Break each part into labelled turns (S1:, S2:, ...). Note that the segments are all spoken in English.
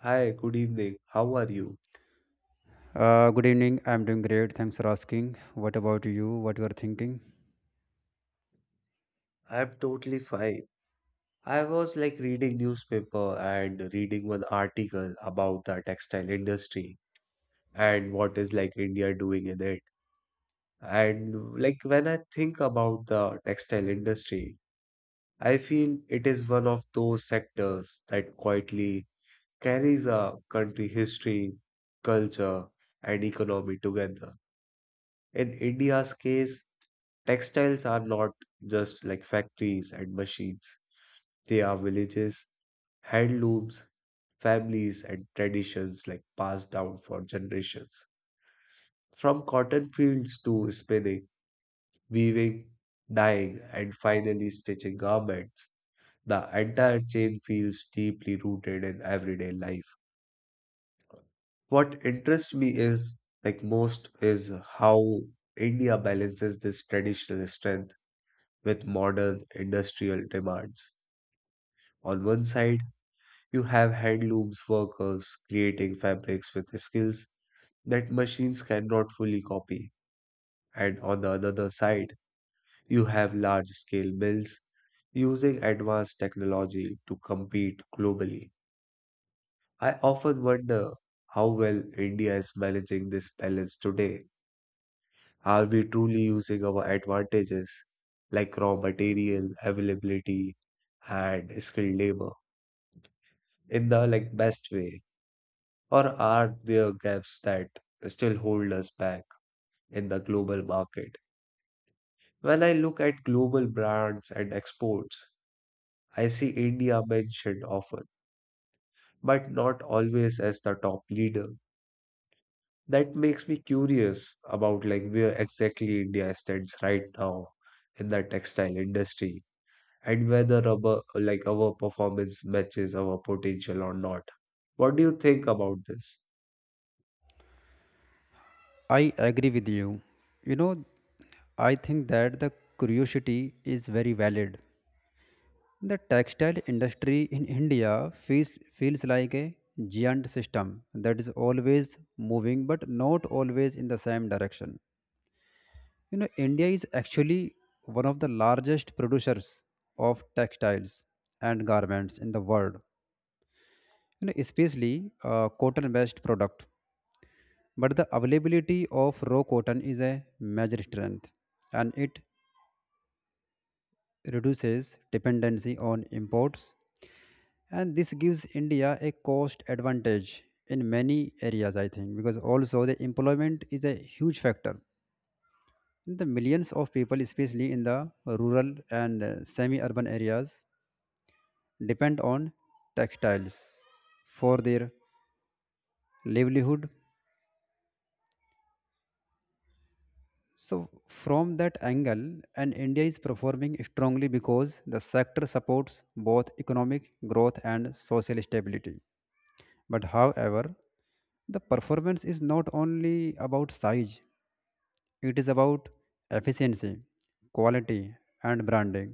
S1: Hi, good evening. How are you?
S2: Good evening. I'm doing great. Thanks for asking. What about you? What you are thinking?
S1: I'm totally fine. I was reading newspaper and reading one article about the textile industry and what is India doing in it. And like When I think about the textile industry, I feel it is one of those sectors that quietly carries a country history, culture, and economy together. In India's case, textiles are not just factories and machines. They are villages, handlooms, families, and traditions passed down for generations. From cotton fields to spinning, weaving, dyeing, and finally stitching garments, the entire chain feels deeply rooted in everyday life. What interests me is, like most, is how India balances this traditional strength with modern industrial demands. On one side, you have handlooms workers creating fabrics with skills that machines cannot fully copy. And on the other side, you have large scale mills using advanced technology to compete globally. I often wonder how well India is managing this balance today. Are we truly using our advantages like raw material availability and skilled labor in the best way? Or are there gaps that still hold us back in the global market? When I look at global brands and exports, I see India mentioned often, but not always as the top leader. That makes me curious about where exactly India stands right now in the textile industry and whether rubber, our performance matches our potential or not. What do you think about this?
S2: I agree with you. You know, I think that the curiosity is very valid. The textile industry in India feels like a giant system that is always moving, but not always in the same direction. You know, India is actually one of the largest producers of textiles and garments in the world. You know, especially cotton-based product. But the availability of raw cotton is a major strength and it reduces dependency on imports. And this gives India a cost advantage in many areas, I think, because also the employment is a huge factor. The millions of people, especially in the rural and semi urban areas, depend on textiles for their livelihood. So, from that angle, and India is performing strongly because the sector supports both economic growth and social stability. But, however, the performance is not only about size, it is about efficiency, quality, and branding.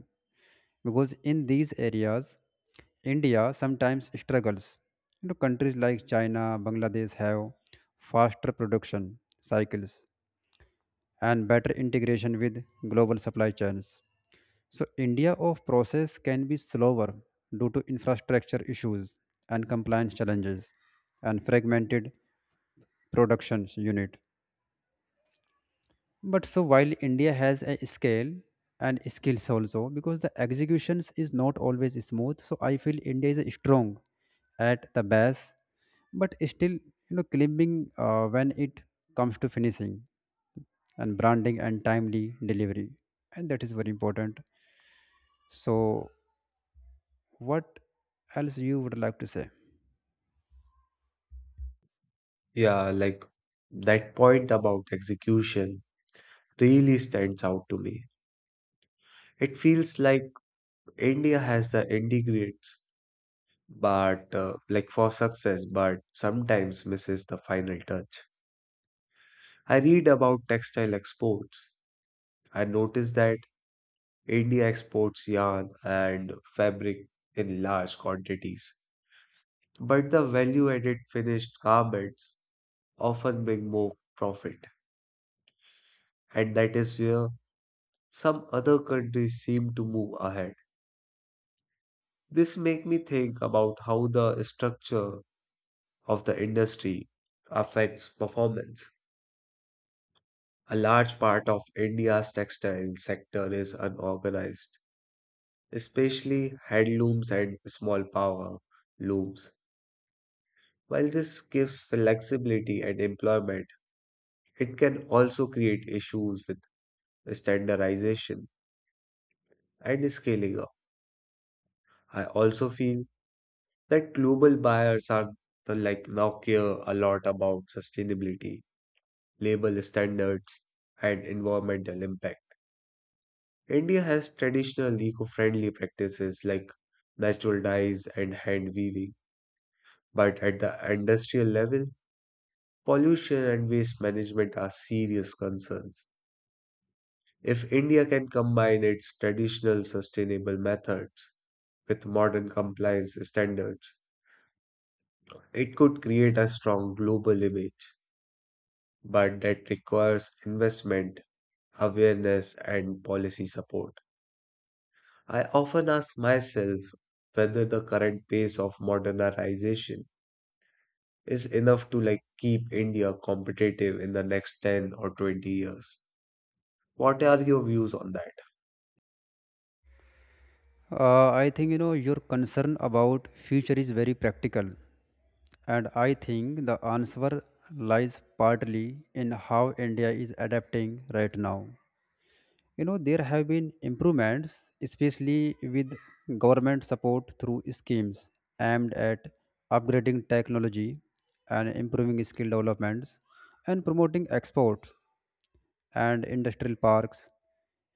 S2: Because in these areas, India sometimes struggles. You know, countries like China, Bangladesh have faster production cycles and better integration with global supply chains. So India of process can be slower due to infrastructure issues and compliance challenges and fragmented production unit. But so while India has a scale and skills also, because the executions is not always smooth, so I feel India is strong at the base, but still you know climbing when it comes to finishing and branding and timely delivery, and that is very important. So what else you would like to say?
S1: Yeah, that point about execution really stands out to me. It feels like India has the ingredients, but for success, but sometimes misses the final touch. I read about textile exports. I notice that India exports yarn and fabric in large quantities, but the value-added finished garments often bring more profit, and that is where some other countries seem to move ahead. This make me think about how the structure of the industry affects performance. A large part of India's textile sector is unorganized, especially handlooms and small power looms. While this gives flexibility and employment, it can also create issues with standardization and scaling up. I also feel that global buyers are the, like now care a lot about sustainability, label standards, and environmental impact. India has traditional eco-friendly practices like natural dyes and hand weaving, but at the industrial level, pollution and waste management are serious concerns. If India can combine its traditional sustainable methods with modern compliance standards, it could create a strong global image, but that requires investment, awareness, and policy support. I often ask myself whether the current pace of modernization is enough to keep India competitive in the next 10 or 20 years. What are your views on that?
S2: I think you know your concern about future is very practical. And I think the answer lies partly in how India is adapting right now. You know, there have been improvements, especially with government support through schemes aimed at upgrading technology and improving skill developments and promoting exports and industrial parks,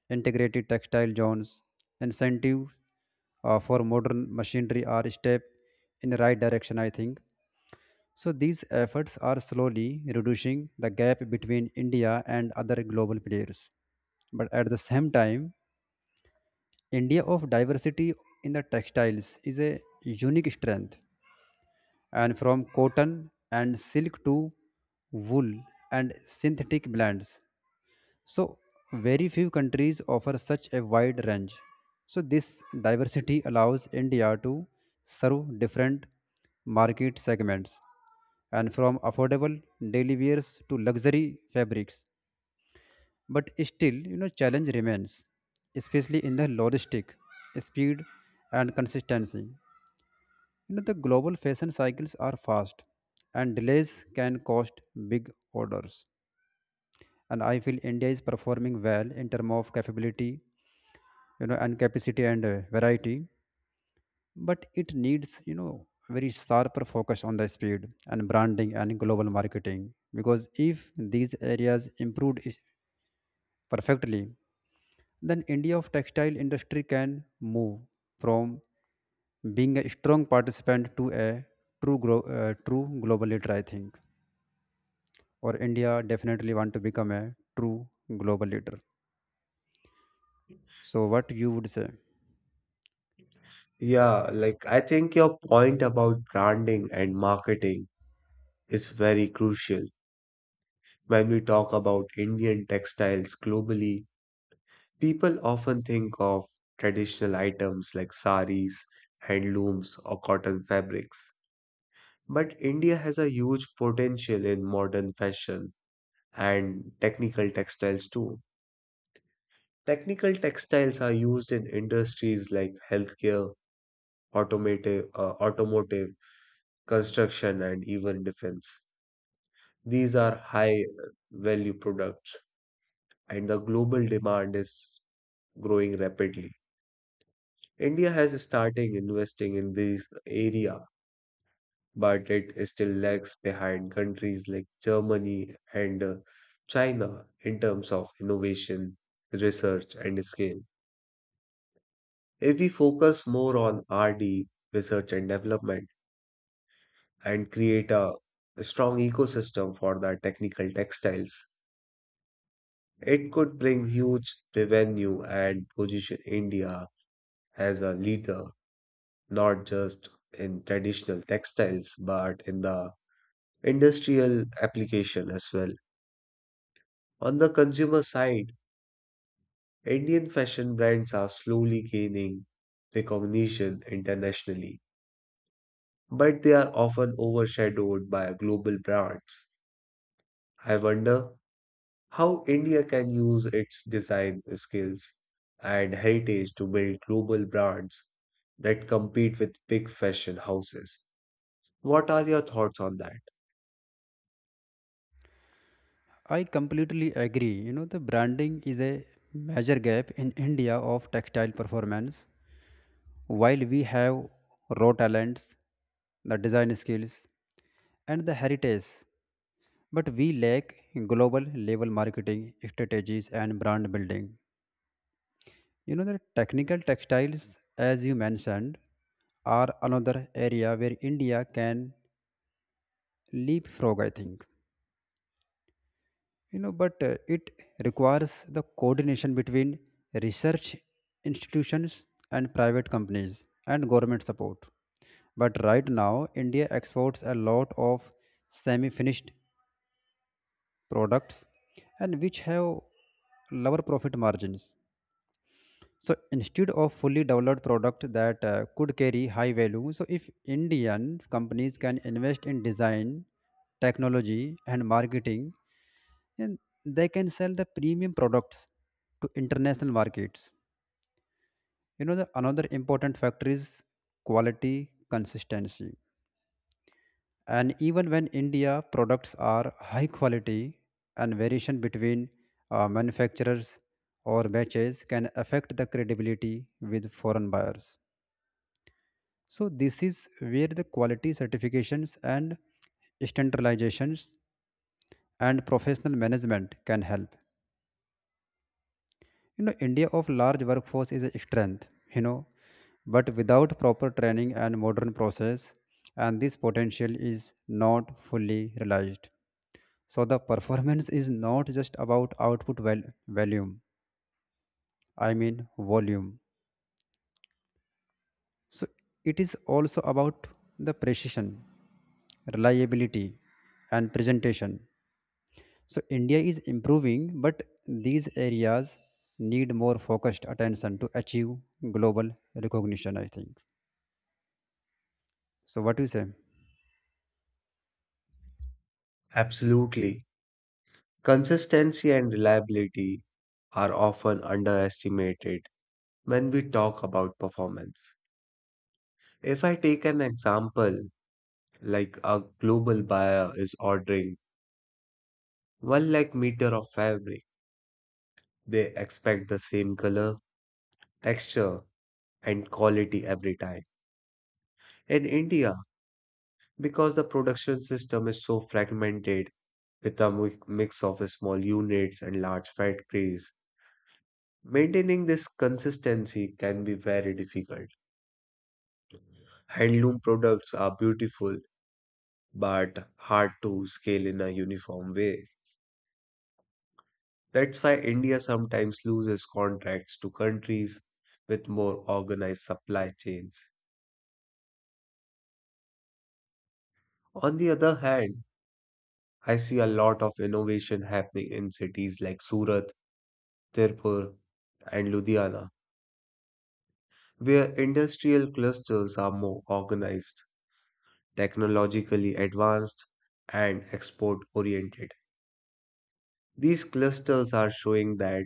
S2: integrated textile zones, incentives for modern machinery are a step in the right direction, I think. So these efforts are slowly reducing the gap between India and other global players. But at the same time, India of diversity in the textiles is a unique strength. And from cotton and silk to wool and synthetic blends, so, very few countries offer such a wide range. So, this diversity allows India to serve different market segments and from affordable daily wears to luxury fabrics. But still, you know, challenge remains, especially in the logistic, speed, and consistency. You know, the global fashion cycles are fast, and delays can cost big orders. And I feel India is performing well in terms of capability you know and capacity and variety, but it needs you know very sharper focus on the speed and branding and global marketing, because if these areas improved perfectly, then india of textile industry can move from being a strong participant to a true global leader, I think. Or india definitely want to become a true global leader. So what you would say?
S1: Yeah, I think your point about branding and marketing is very crucial. When we talk about Indian textiles globally, people often think of traditional items like saris, handlooms, or cotton fabrics. But India has a huge potential in modern fashion and technical textiles too. Technical textiles are used in industries like healthcare, automotive, construction, and even defense. These are high value products, and the global demand is growing rapidly. India has started investing in these area, but it still lags behind countries like Germany and China in terms of innovation, research, and scale. If we focus more on RD, research and development, and create a strong ecosystem for the technical textiles, it could bring huge revenue and position India as a leader, not just in traditional textiles, but in the industrial application as well. On the consumer side, Indian fashion brands are slowly gaining recognition internationally, but they are often overshadowed by global brands. I wonder how India can use its design skills and heritage to build global brands that compete with big fashion houses. What are your thoughts on that?
S2: I completely agree. You know, the branding is a major gap in India of textile performance. While we have raw talents, the design skills, and the heritage, but we lack global level marketing strategies and brand building. You know, the technical textiles, as you mentioned, are another area where India can leapfrog, I think. You know but it requires the coordination between research institutions and private companies and government support. But right now india exports a lot of semi finished products, and which have lower profit margins, so instead of fully developed product that could carry high value. So if indian companies can invest in design technology and marketing, and they can sell the premium products to international markets. You know, the another important factor is quality consistency. And even when India products are high quality, and variation between manufacturers or batches can affect the credibility with foreign buyers. So this is where the quality certifications and standardizations and professional management can help. You know india of large workforce is a strength, you know, but without proper training and modern process, and this potential is not fully realized. So the performance is not just about volume, I mean, volume. So it is also about the precision, reliability, and presentation. So india is improving, but these areas need more focused attention to achieve global recognition, I think. So what you say?
S1: Absolutely. Consistency and reliability are often underestimated when we talk about performance. If I take an example, a global buyer is ordering 1 lakh meter of fabric, they expect the same color, texture, and quality every time. In India, because the production system is so fragmented with a mix of small units and large factories, maintaining this consistency can be very difficult. Handloom products are beautiful but hard to scale in a uniform way. That's why India sometimes loses contracts to countries with more organized supply chains. On the other hand, I see a lot of innovation happening in cities like Surat, Tirpur, and Ludhiana, where industrial clusters are more organized, technologically advanced, and export oriented. These clusters are showing that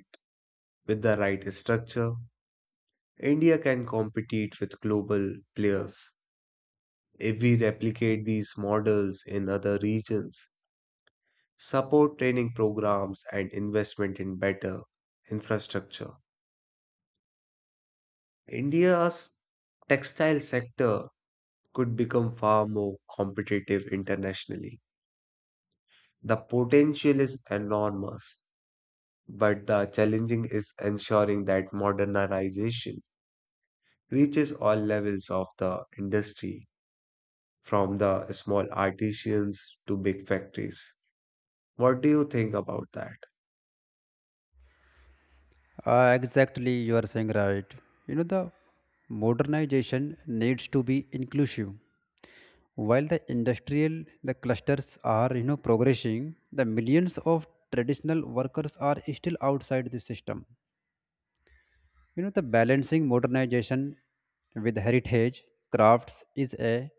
S1: with the right structure, India can compete with global players. If we replicate these models in other regions, support training programs and investment in better infrastructure, India's textile sector could become far more competitive internationally. The potential is enormous, but the challenging is ensuring that modernization reaches all levels of the industry, from the small artisans to big factories. What do you think about that?
S2: Exactly, you are saying right. You know the modernization needs to be inclusive. While the industrial the clusters are you know progressing, the millions of traditional workers are still outside the system. You know the balancing modernization with heritage crafts is a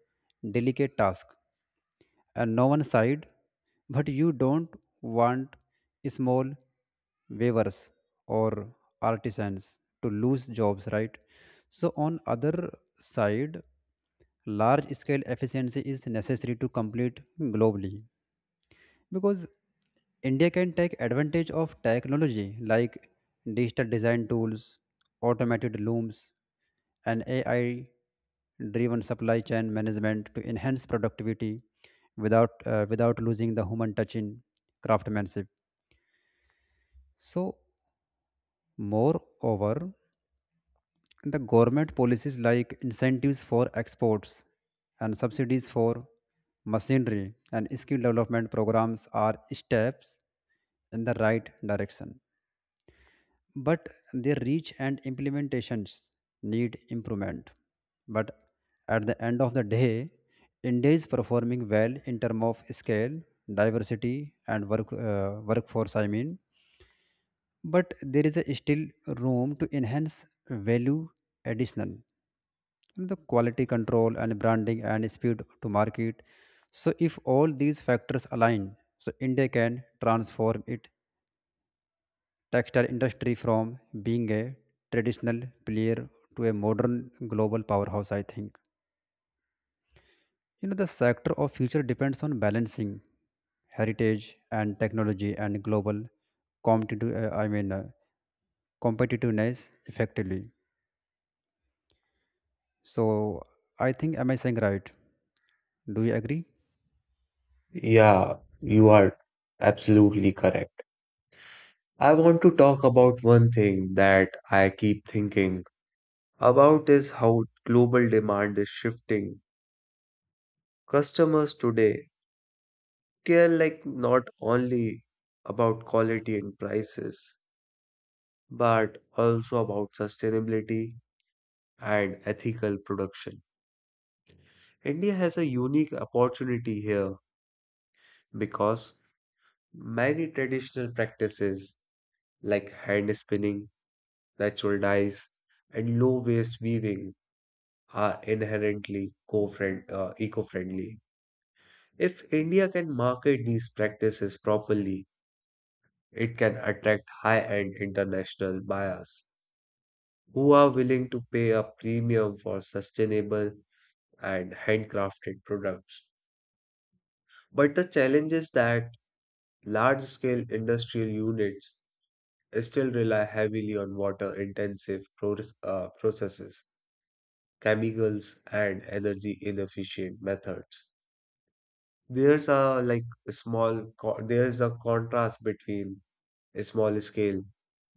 S2: delicate task. And no one side, but you don't want small weavers or artisans to lose jobs, right? So on other side, large scale efficiency is necessary to complete globally, because India can take advantage of technology like digital design tools, automated looms, and AI driven supply chain management to enhance productivity without losing the human touch in craftsmanship. So, moreover, the government policies like incentives for exports and subsidies for machinery and skill development programs are steps in the right direction, but their reach and implementations need improvement. But at the end of the day, India is performing well in terms of scale, diversity, and workforce. I mean, but there is a still room to enhance value additional, the quality control and branding and speed to market. So, if all these factors align, so India can transform it textile industry from being a traditional player to a modern global powerhouse, I think. You know the sector of future depends on balancing heritage and technology and global competitive uh, i mean uh, competitiveness effectively. So I think am I saying right? Do you agree?
S1: Yeah, you are absolutely correct. I want to talk about one thing that I keep thinking about is how global demand is shifting. Customers today care not only about quality and prices, but also about sustainability and ethical production. India has a unique opportunity here because many traditional practices like hand spinning natural dyes, and low-waste weaving are inherently eco-friendly. If India can market these practices properly, it can attract high-end international buyers who are willing to pay a premium for sustainable and handcrafted products. But the challenge is that large-scale industrial units still rely heavily on processes, chemicals and energy inefficient methods. There's a there's a contrast between small scale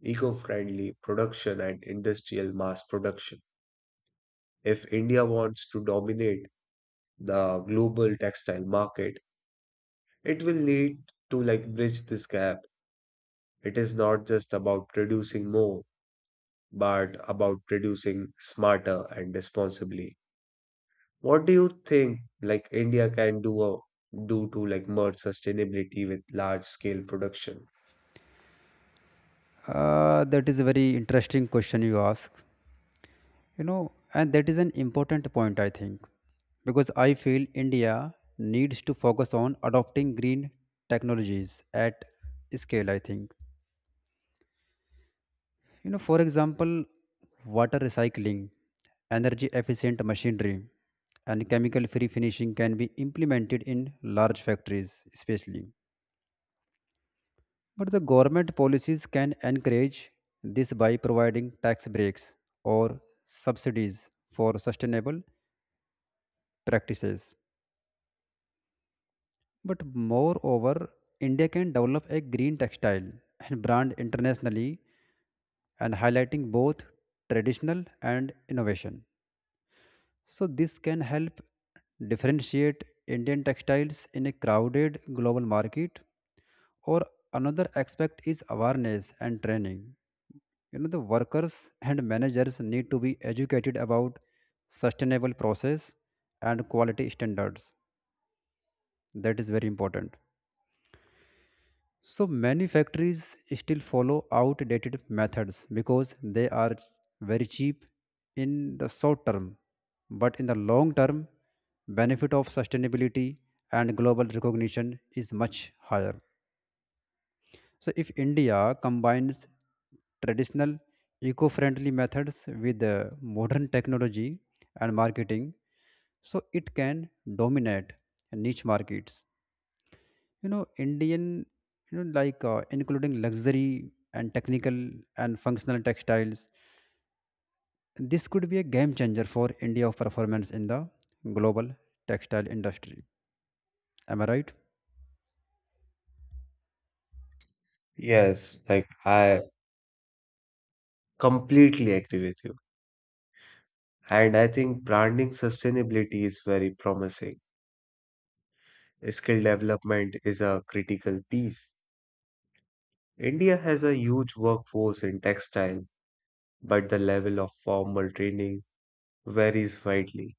S1: eco-friendly production and industrial mass production. If India wants to dominate the global textile market, it will need to bridge this gap. It is not just about producing more, but about producing smarter and responsibly. What do you think India can do to merge sustainability with large scale production?
S2: That is a very interesting question you ask. You know, and that is an important point, I think, because I feel india needs to focus on adopting green technologies at scale, I think. You know, for example, water recycling, energy efficient machinery, and chemical free finishing can be implemented in large factories especially. But the government policies can encourage this by providing tax breaks or subsidies for sustainable practices. But moreover, India can develop a green textile and brand internationally, and highlighting both traditional and innovation. So this can help differentiate Indian textiles in a crowded global market. Or another aspect is awareness and training. You know the workers and managers need to be educated about sustainable process and quality standards. That is very important. So many factories still follow outdated methods because they are very cheap in the short term, but in the long term, benefit of sustainability and global recognition is much higher. So if India combines traditional eco-friendly methods with modern technology and marketing, so it can dominate niche markets. You know indian, you know, including luxury and technical and functional textiles, this could be a game changer for india of performance in the global textile industry. Am I right?
S1: Yes, I completely agree with you. And I think branding sustainability is very promising. Skill development is a critical piece. India has a huge workforce in textile, but the level of formal training varies widely.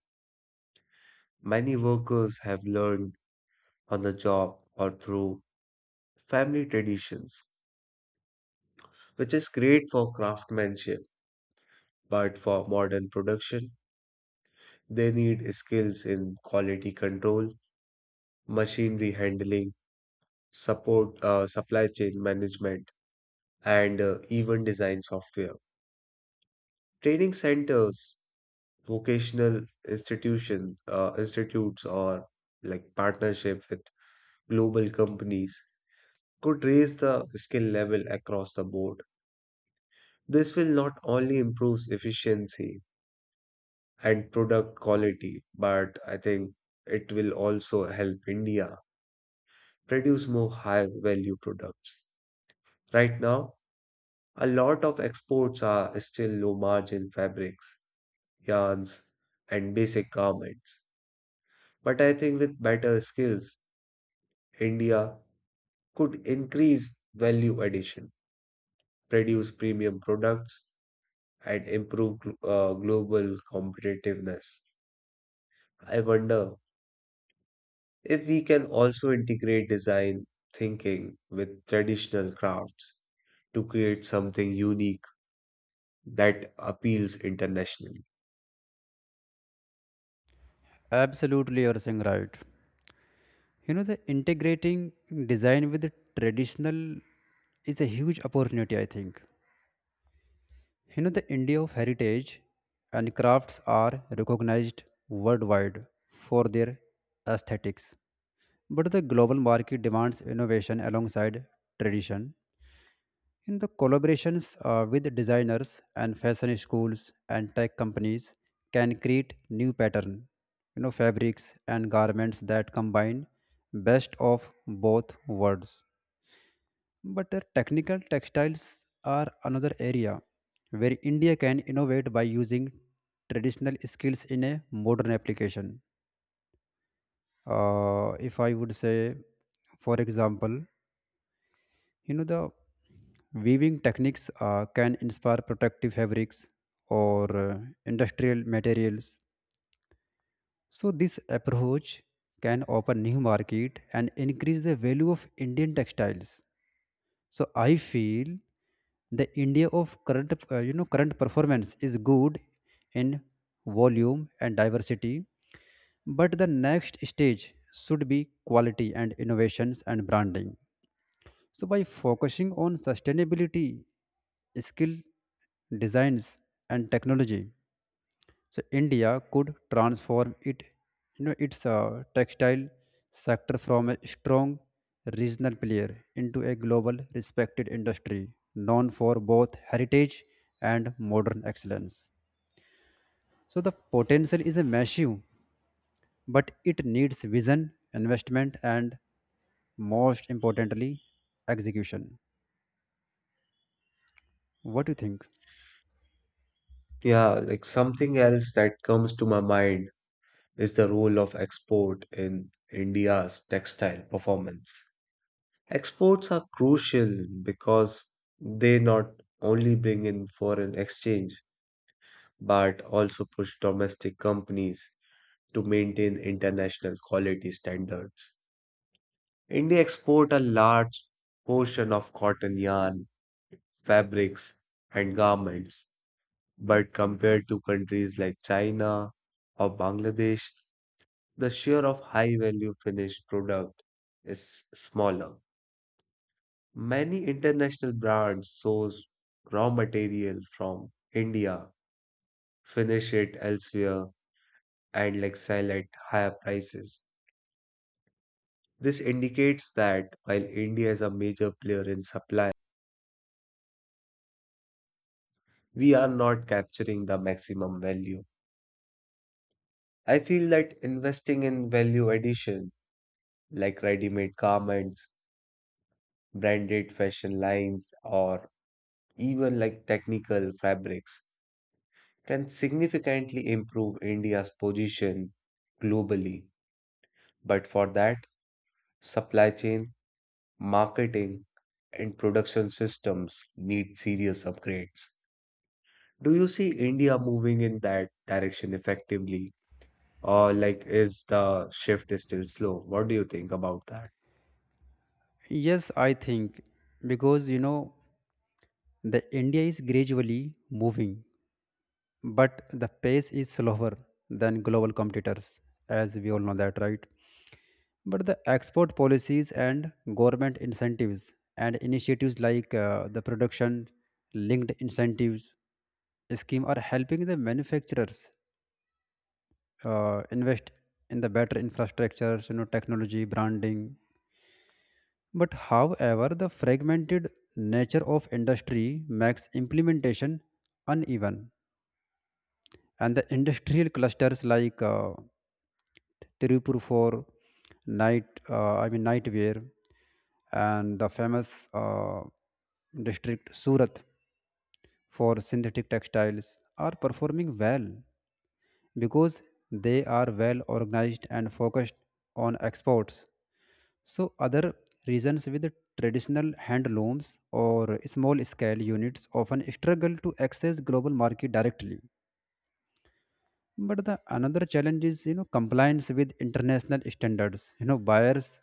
S1: Many workers have learned on the job or through family traditions, which is great for craftsmanship, but for modern production, they need skills in quality control, machinery handling, supply chain management, and even design software. Training centers, vocational institutes, or partnerships with global companies could raise the skill level across the board. This will not only improve efficiency and product quality, but I think it will also help India produce more high value products. Right now, a lot of exports are still low margin fabrics, yarns, and basic garments. But I think with better skills, India could increase value addition, produce premium products, and improve global competitiveness. I wonder if we can also integrate design thinking with traditional crafts to create something unique that appeals internationally.
S2: Absolutely you're saying right. You know the integrating design with the traditional is a huge opportunity, I think. You know the india of heritage and crafts are recognized worldwide for their aesthetics. But the global market demands innovation alongside tradition. In the collaborations with designers and fashion schools and tech companies can create new pattern, you know, fabrics and garments that combine best of both worlds. But the technical textiles are another area where India can innovate by using traditional skills in a modern application. If I would say, for example, you know, the weaving techniques can inspire protective fabrics or industrial materials. So, this approach can open new market and increase the value of Indian textiles. So, I feel the India of current, you know, current performance is good in volume and diversity, but the next stage should be quality and innovations and branding. So, by focusing on sustainability, skill designs, and technology, so India could transform it, you know, its textile sector from a strong regional player into a global respected industry known for both heritage and modern excellence. So the potential is a massive, but it needs vision, investment, and most importantly, execution. What do you think?
S1: Yeah, something else that comes to my mind is the role of export in India's textile performance. Exports are crucial because they not only bring in foreign exchange but also push domestic companies to maintain international quality standards. India exports a large portion of cotton yarn, fabrics, and garments, but compared to countries like China or Bangladesh, the share of high value finished product is smaller. Many international brands source raw material from India, finish it elsewhere, and sell at higher prices. This indicates that while India is a major player in supply, we are not capturing the maximum value. I feel that investing in value addition, like ready made garments, branded fashion lines, or even technical fabrics, can significantly improve India's position globally. But for that, supply chain, marketing, and production systems need serious upgrades. Do you see India moving in that direction effectively, or is the shift is still slow? What do you think about that?
S2: Yes, I think, because you know the India is gradually moving, but the pace is slower than global competitors, as we all know that, right? But the export policies and government incentives and initiatives like the production linked incentives scheme are helping the manufacturers invest in the better infrastructures, you know, technology, branding. But however, the fragmented nature of industry makes implementation uneven, and the industrial clusters like Tirupur for I mean nightwear, and the famous district Surat for synthetic textiles are performing well because they are well organized and focused on exports. So, other regions with traditional hand looms or small scale units often struggle to access global market directly. But the another challenge is you know compliance with international standards. You know buyers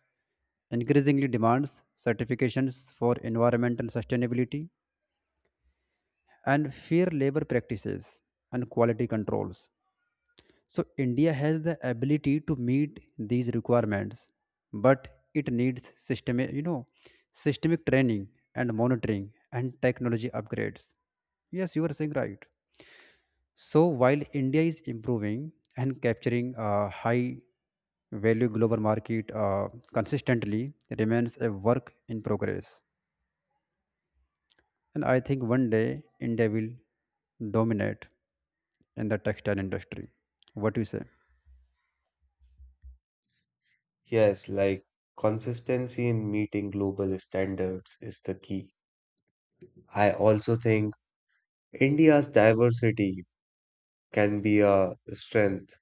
S2: increasingly demands certifications for environmental sustainability and fair labor practices and quality controls. So India has the ability to meet these requirements, but it needs systemic training and monitoring and technology upgrades. Yes, you are saying right. So while India is improving and capturing a high value global market consistently, remains a work in progress. And I think one day India will dominate in the textile industry. What do you say?
S1: Yes, consistency in meeting global standards is the key. I also think India's diversity can be a strength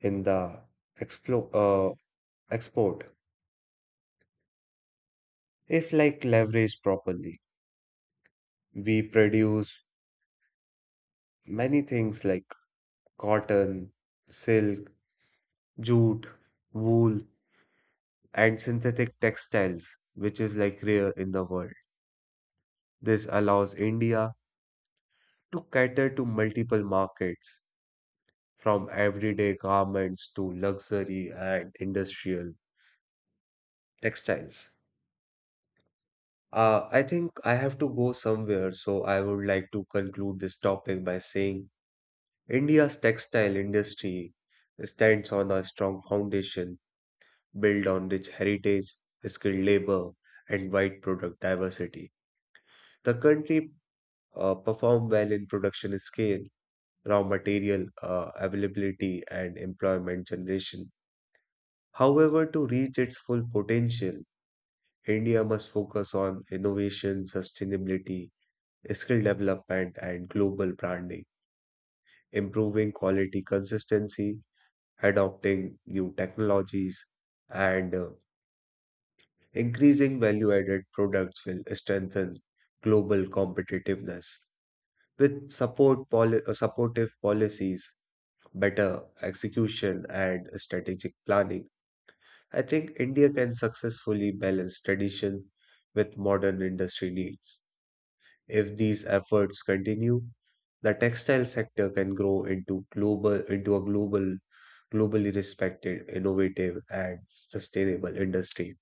S1: in the explo export. If leveraged properly, we produce many things like cotton, silk, jute, wool, and synthetic textiles, which is rare in the world. This allows India to cater to multiple markets, from everyday garments to luxury and industrial textiles. I think I have to go somewhere, so I would like to conclude this topic by saying India's textile industry stands on a strong foundation built on rich heritage, skilled labor, and wide product diversity. The country performed well in production scale raw material availability, and employment generation. However, to reach its full potential, India must focus on innovation, sustainability, skill development, and global branding. Improving quality consistency, adopting new technologies, and increasing value-added products will strengthen global competitiveness. With supportive policies, better execution and strategic planning, I think India can successfully balance tradition with modern industry needs. If these efforts continue, the textile sector can grow into a globally respected, innovative and sustainable industry.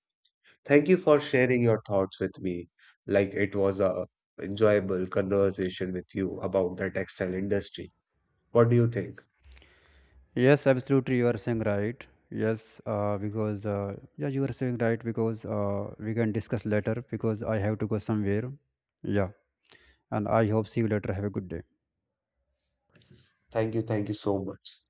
S1: Thank you for sharing your thoughts with me. It was a enjoyable conversation with you about the textile industry. What do you think?
S2: Yes, absolutely. You are saying right. Yes, because yeah, you are saying right, because we can discuss later because I have to go somewhere. Yeah, and I hope see you later. Have a good day.
S1: Thank you so much.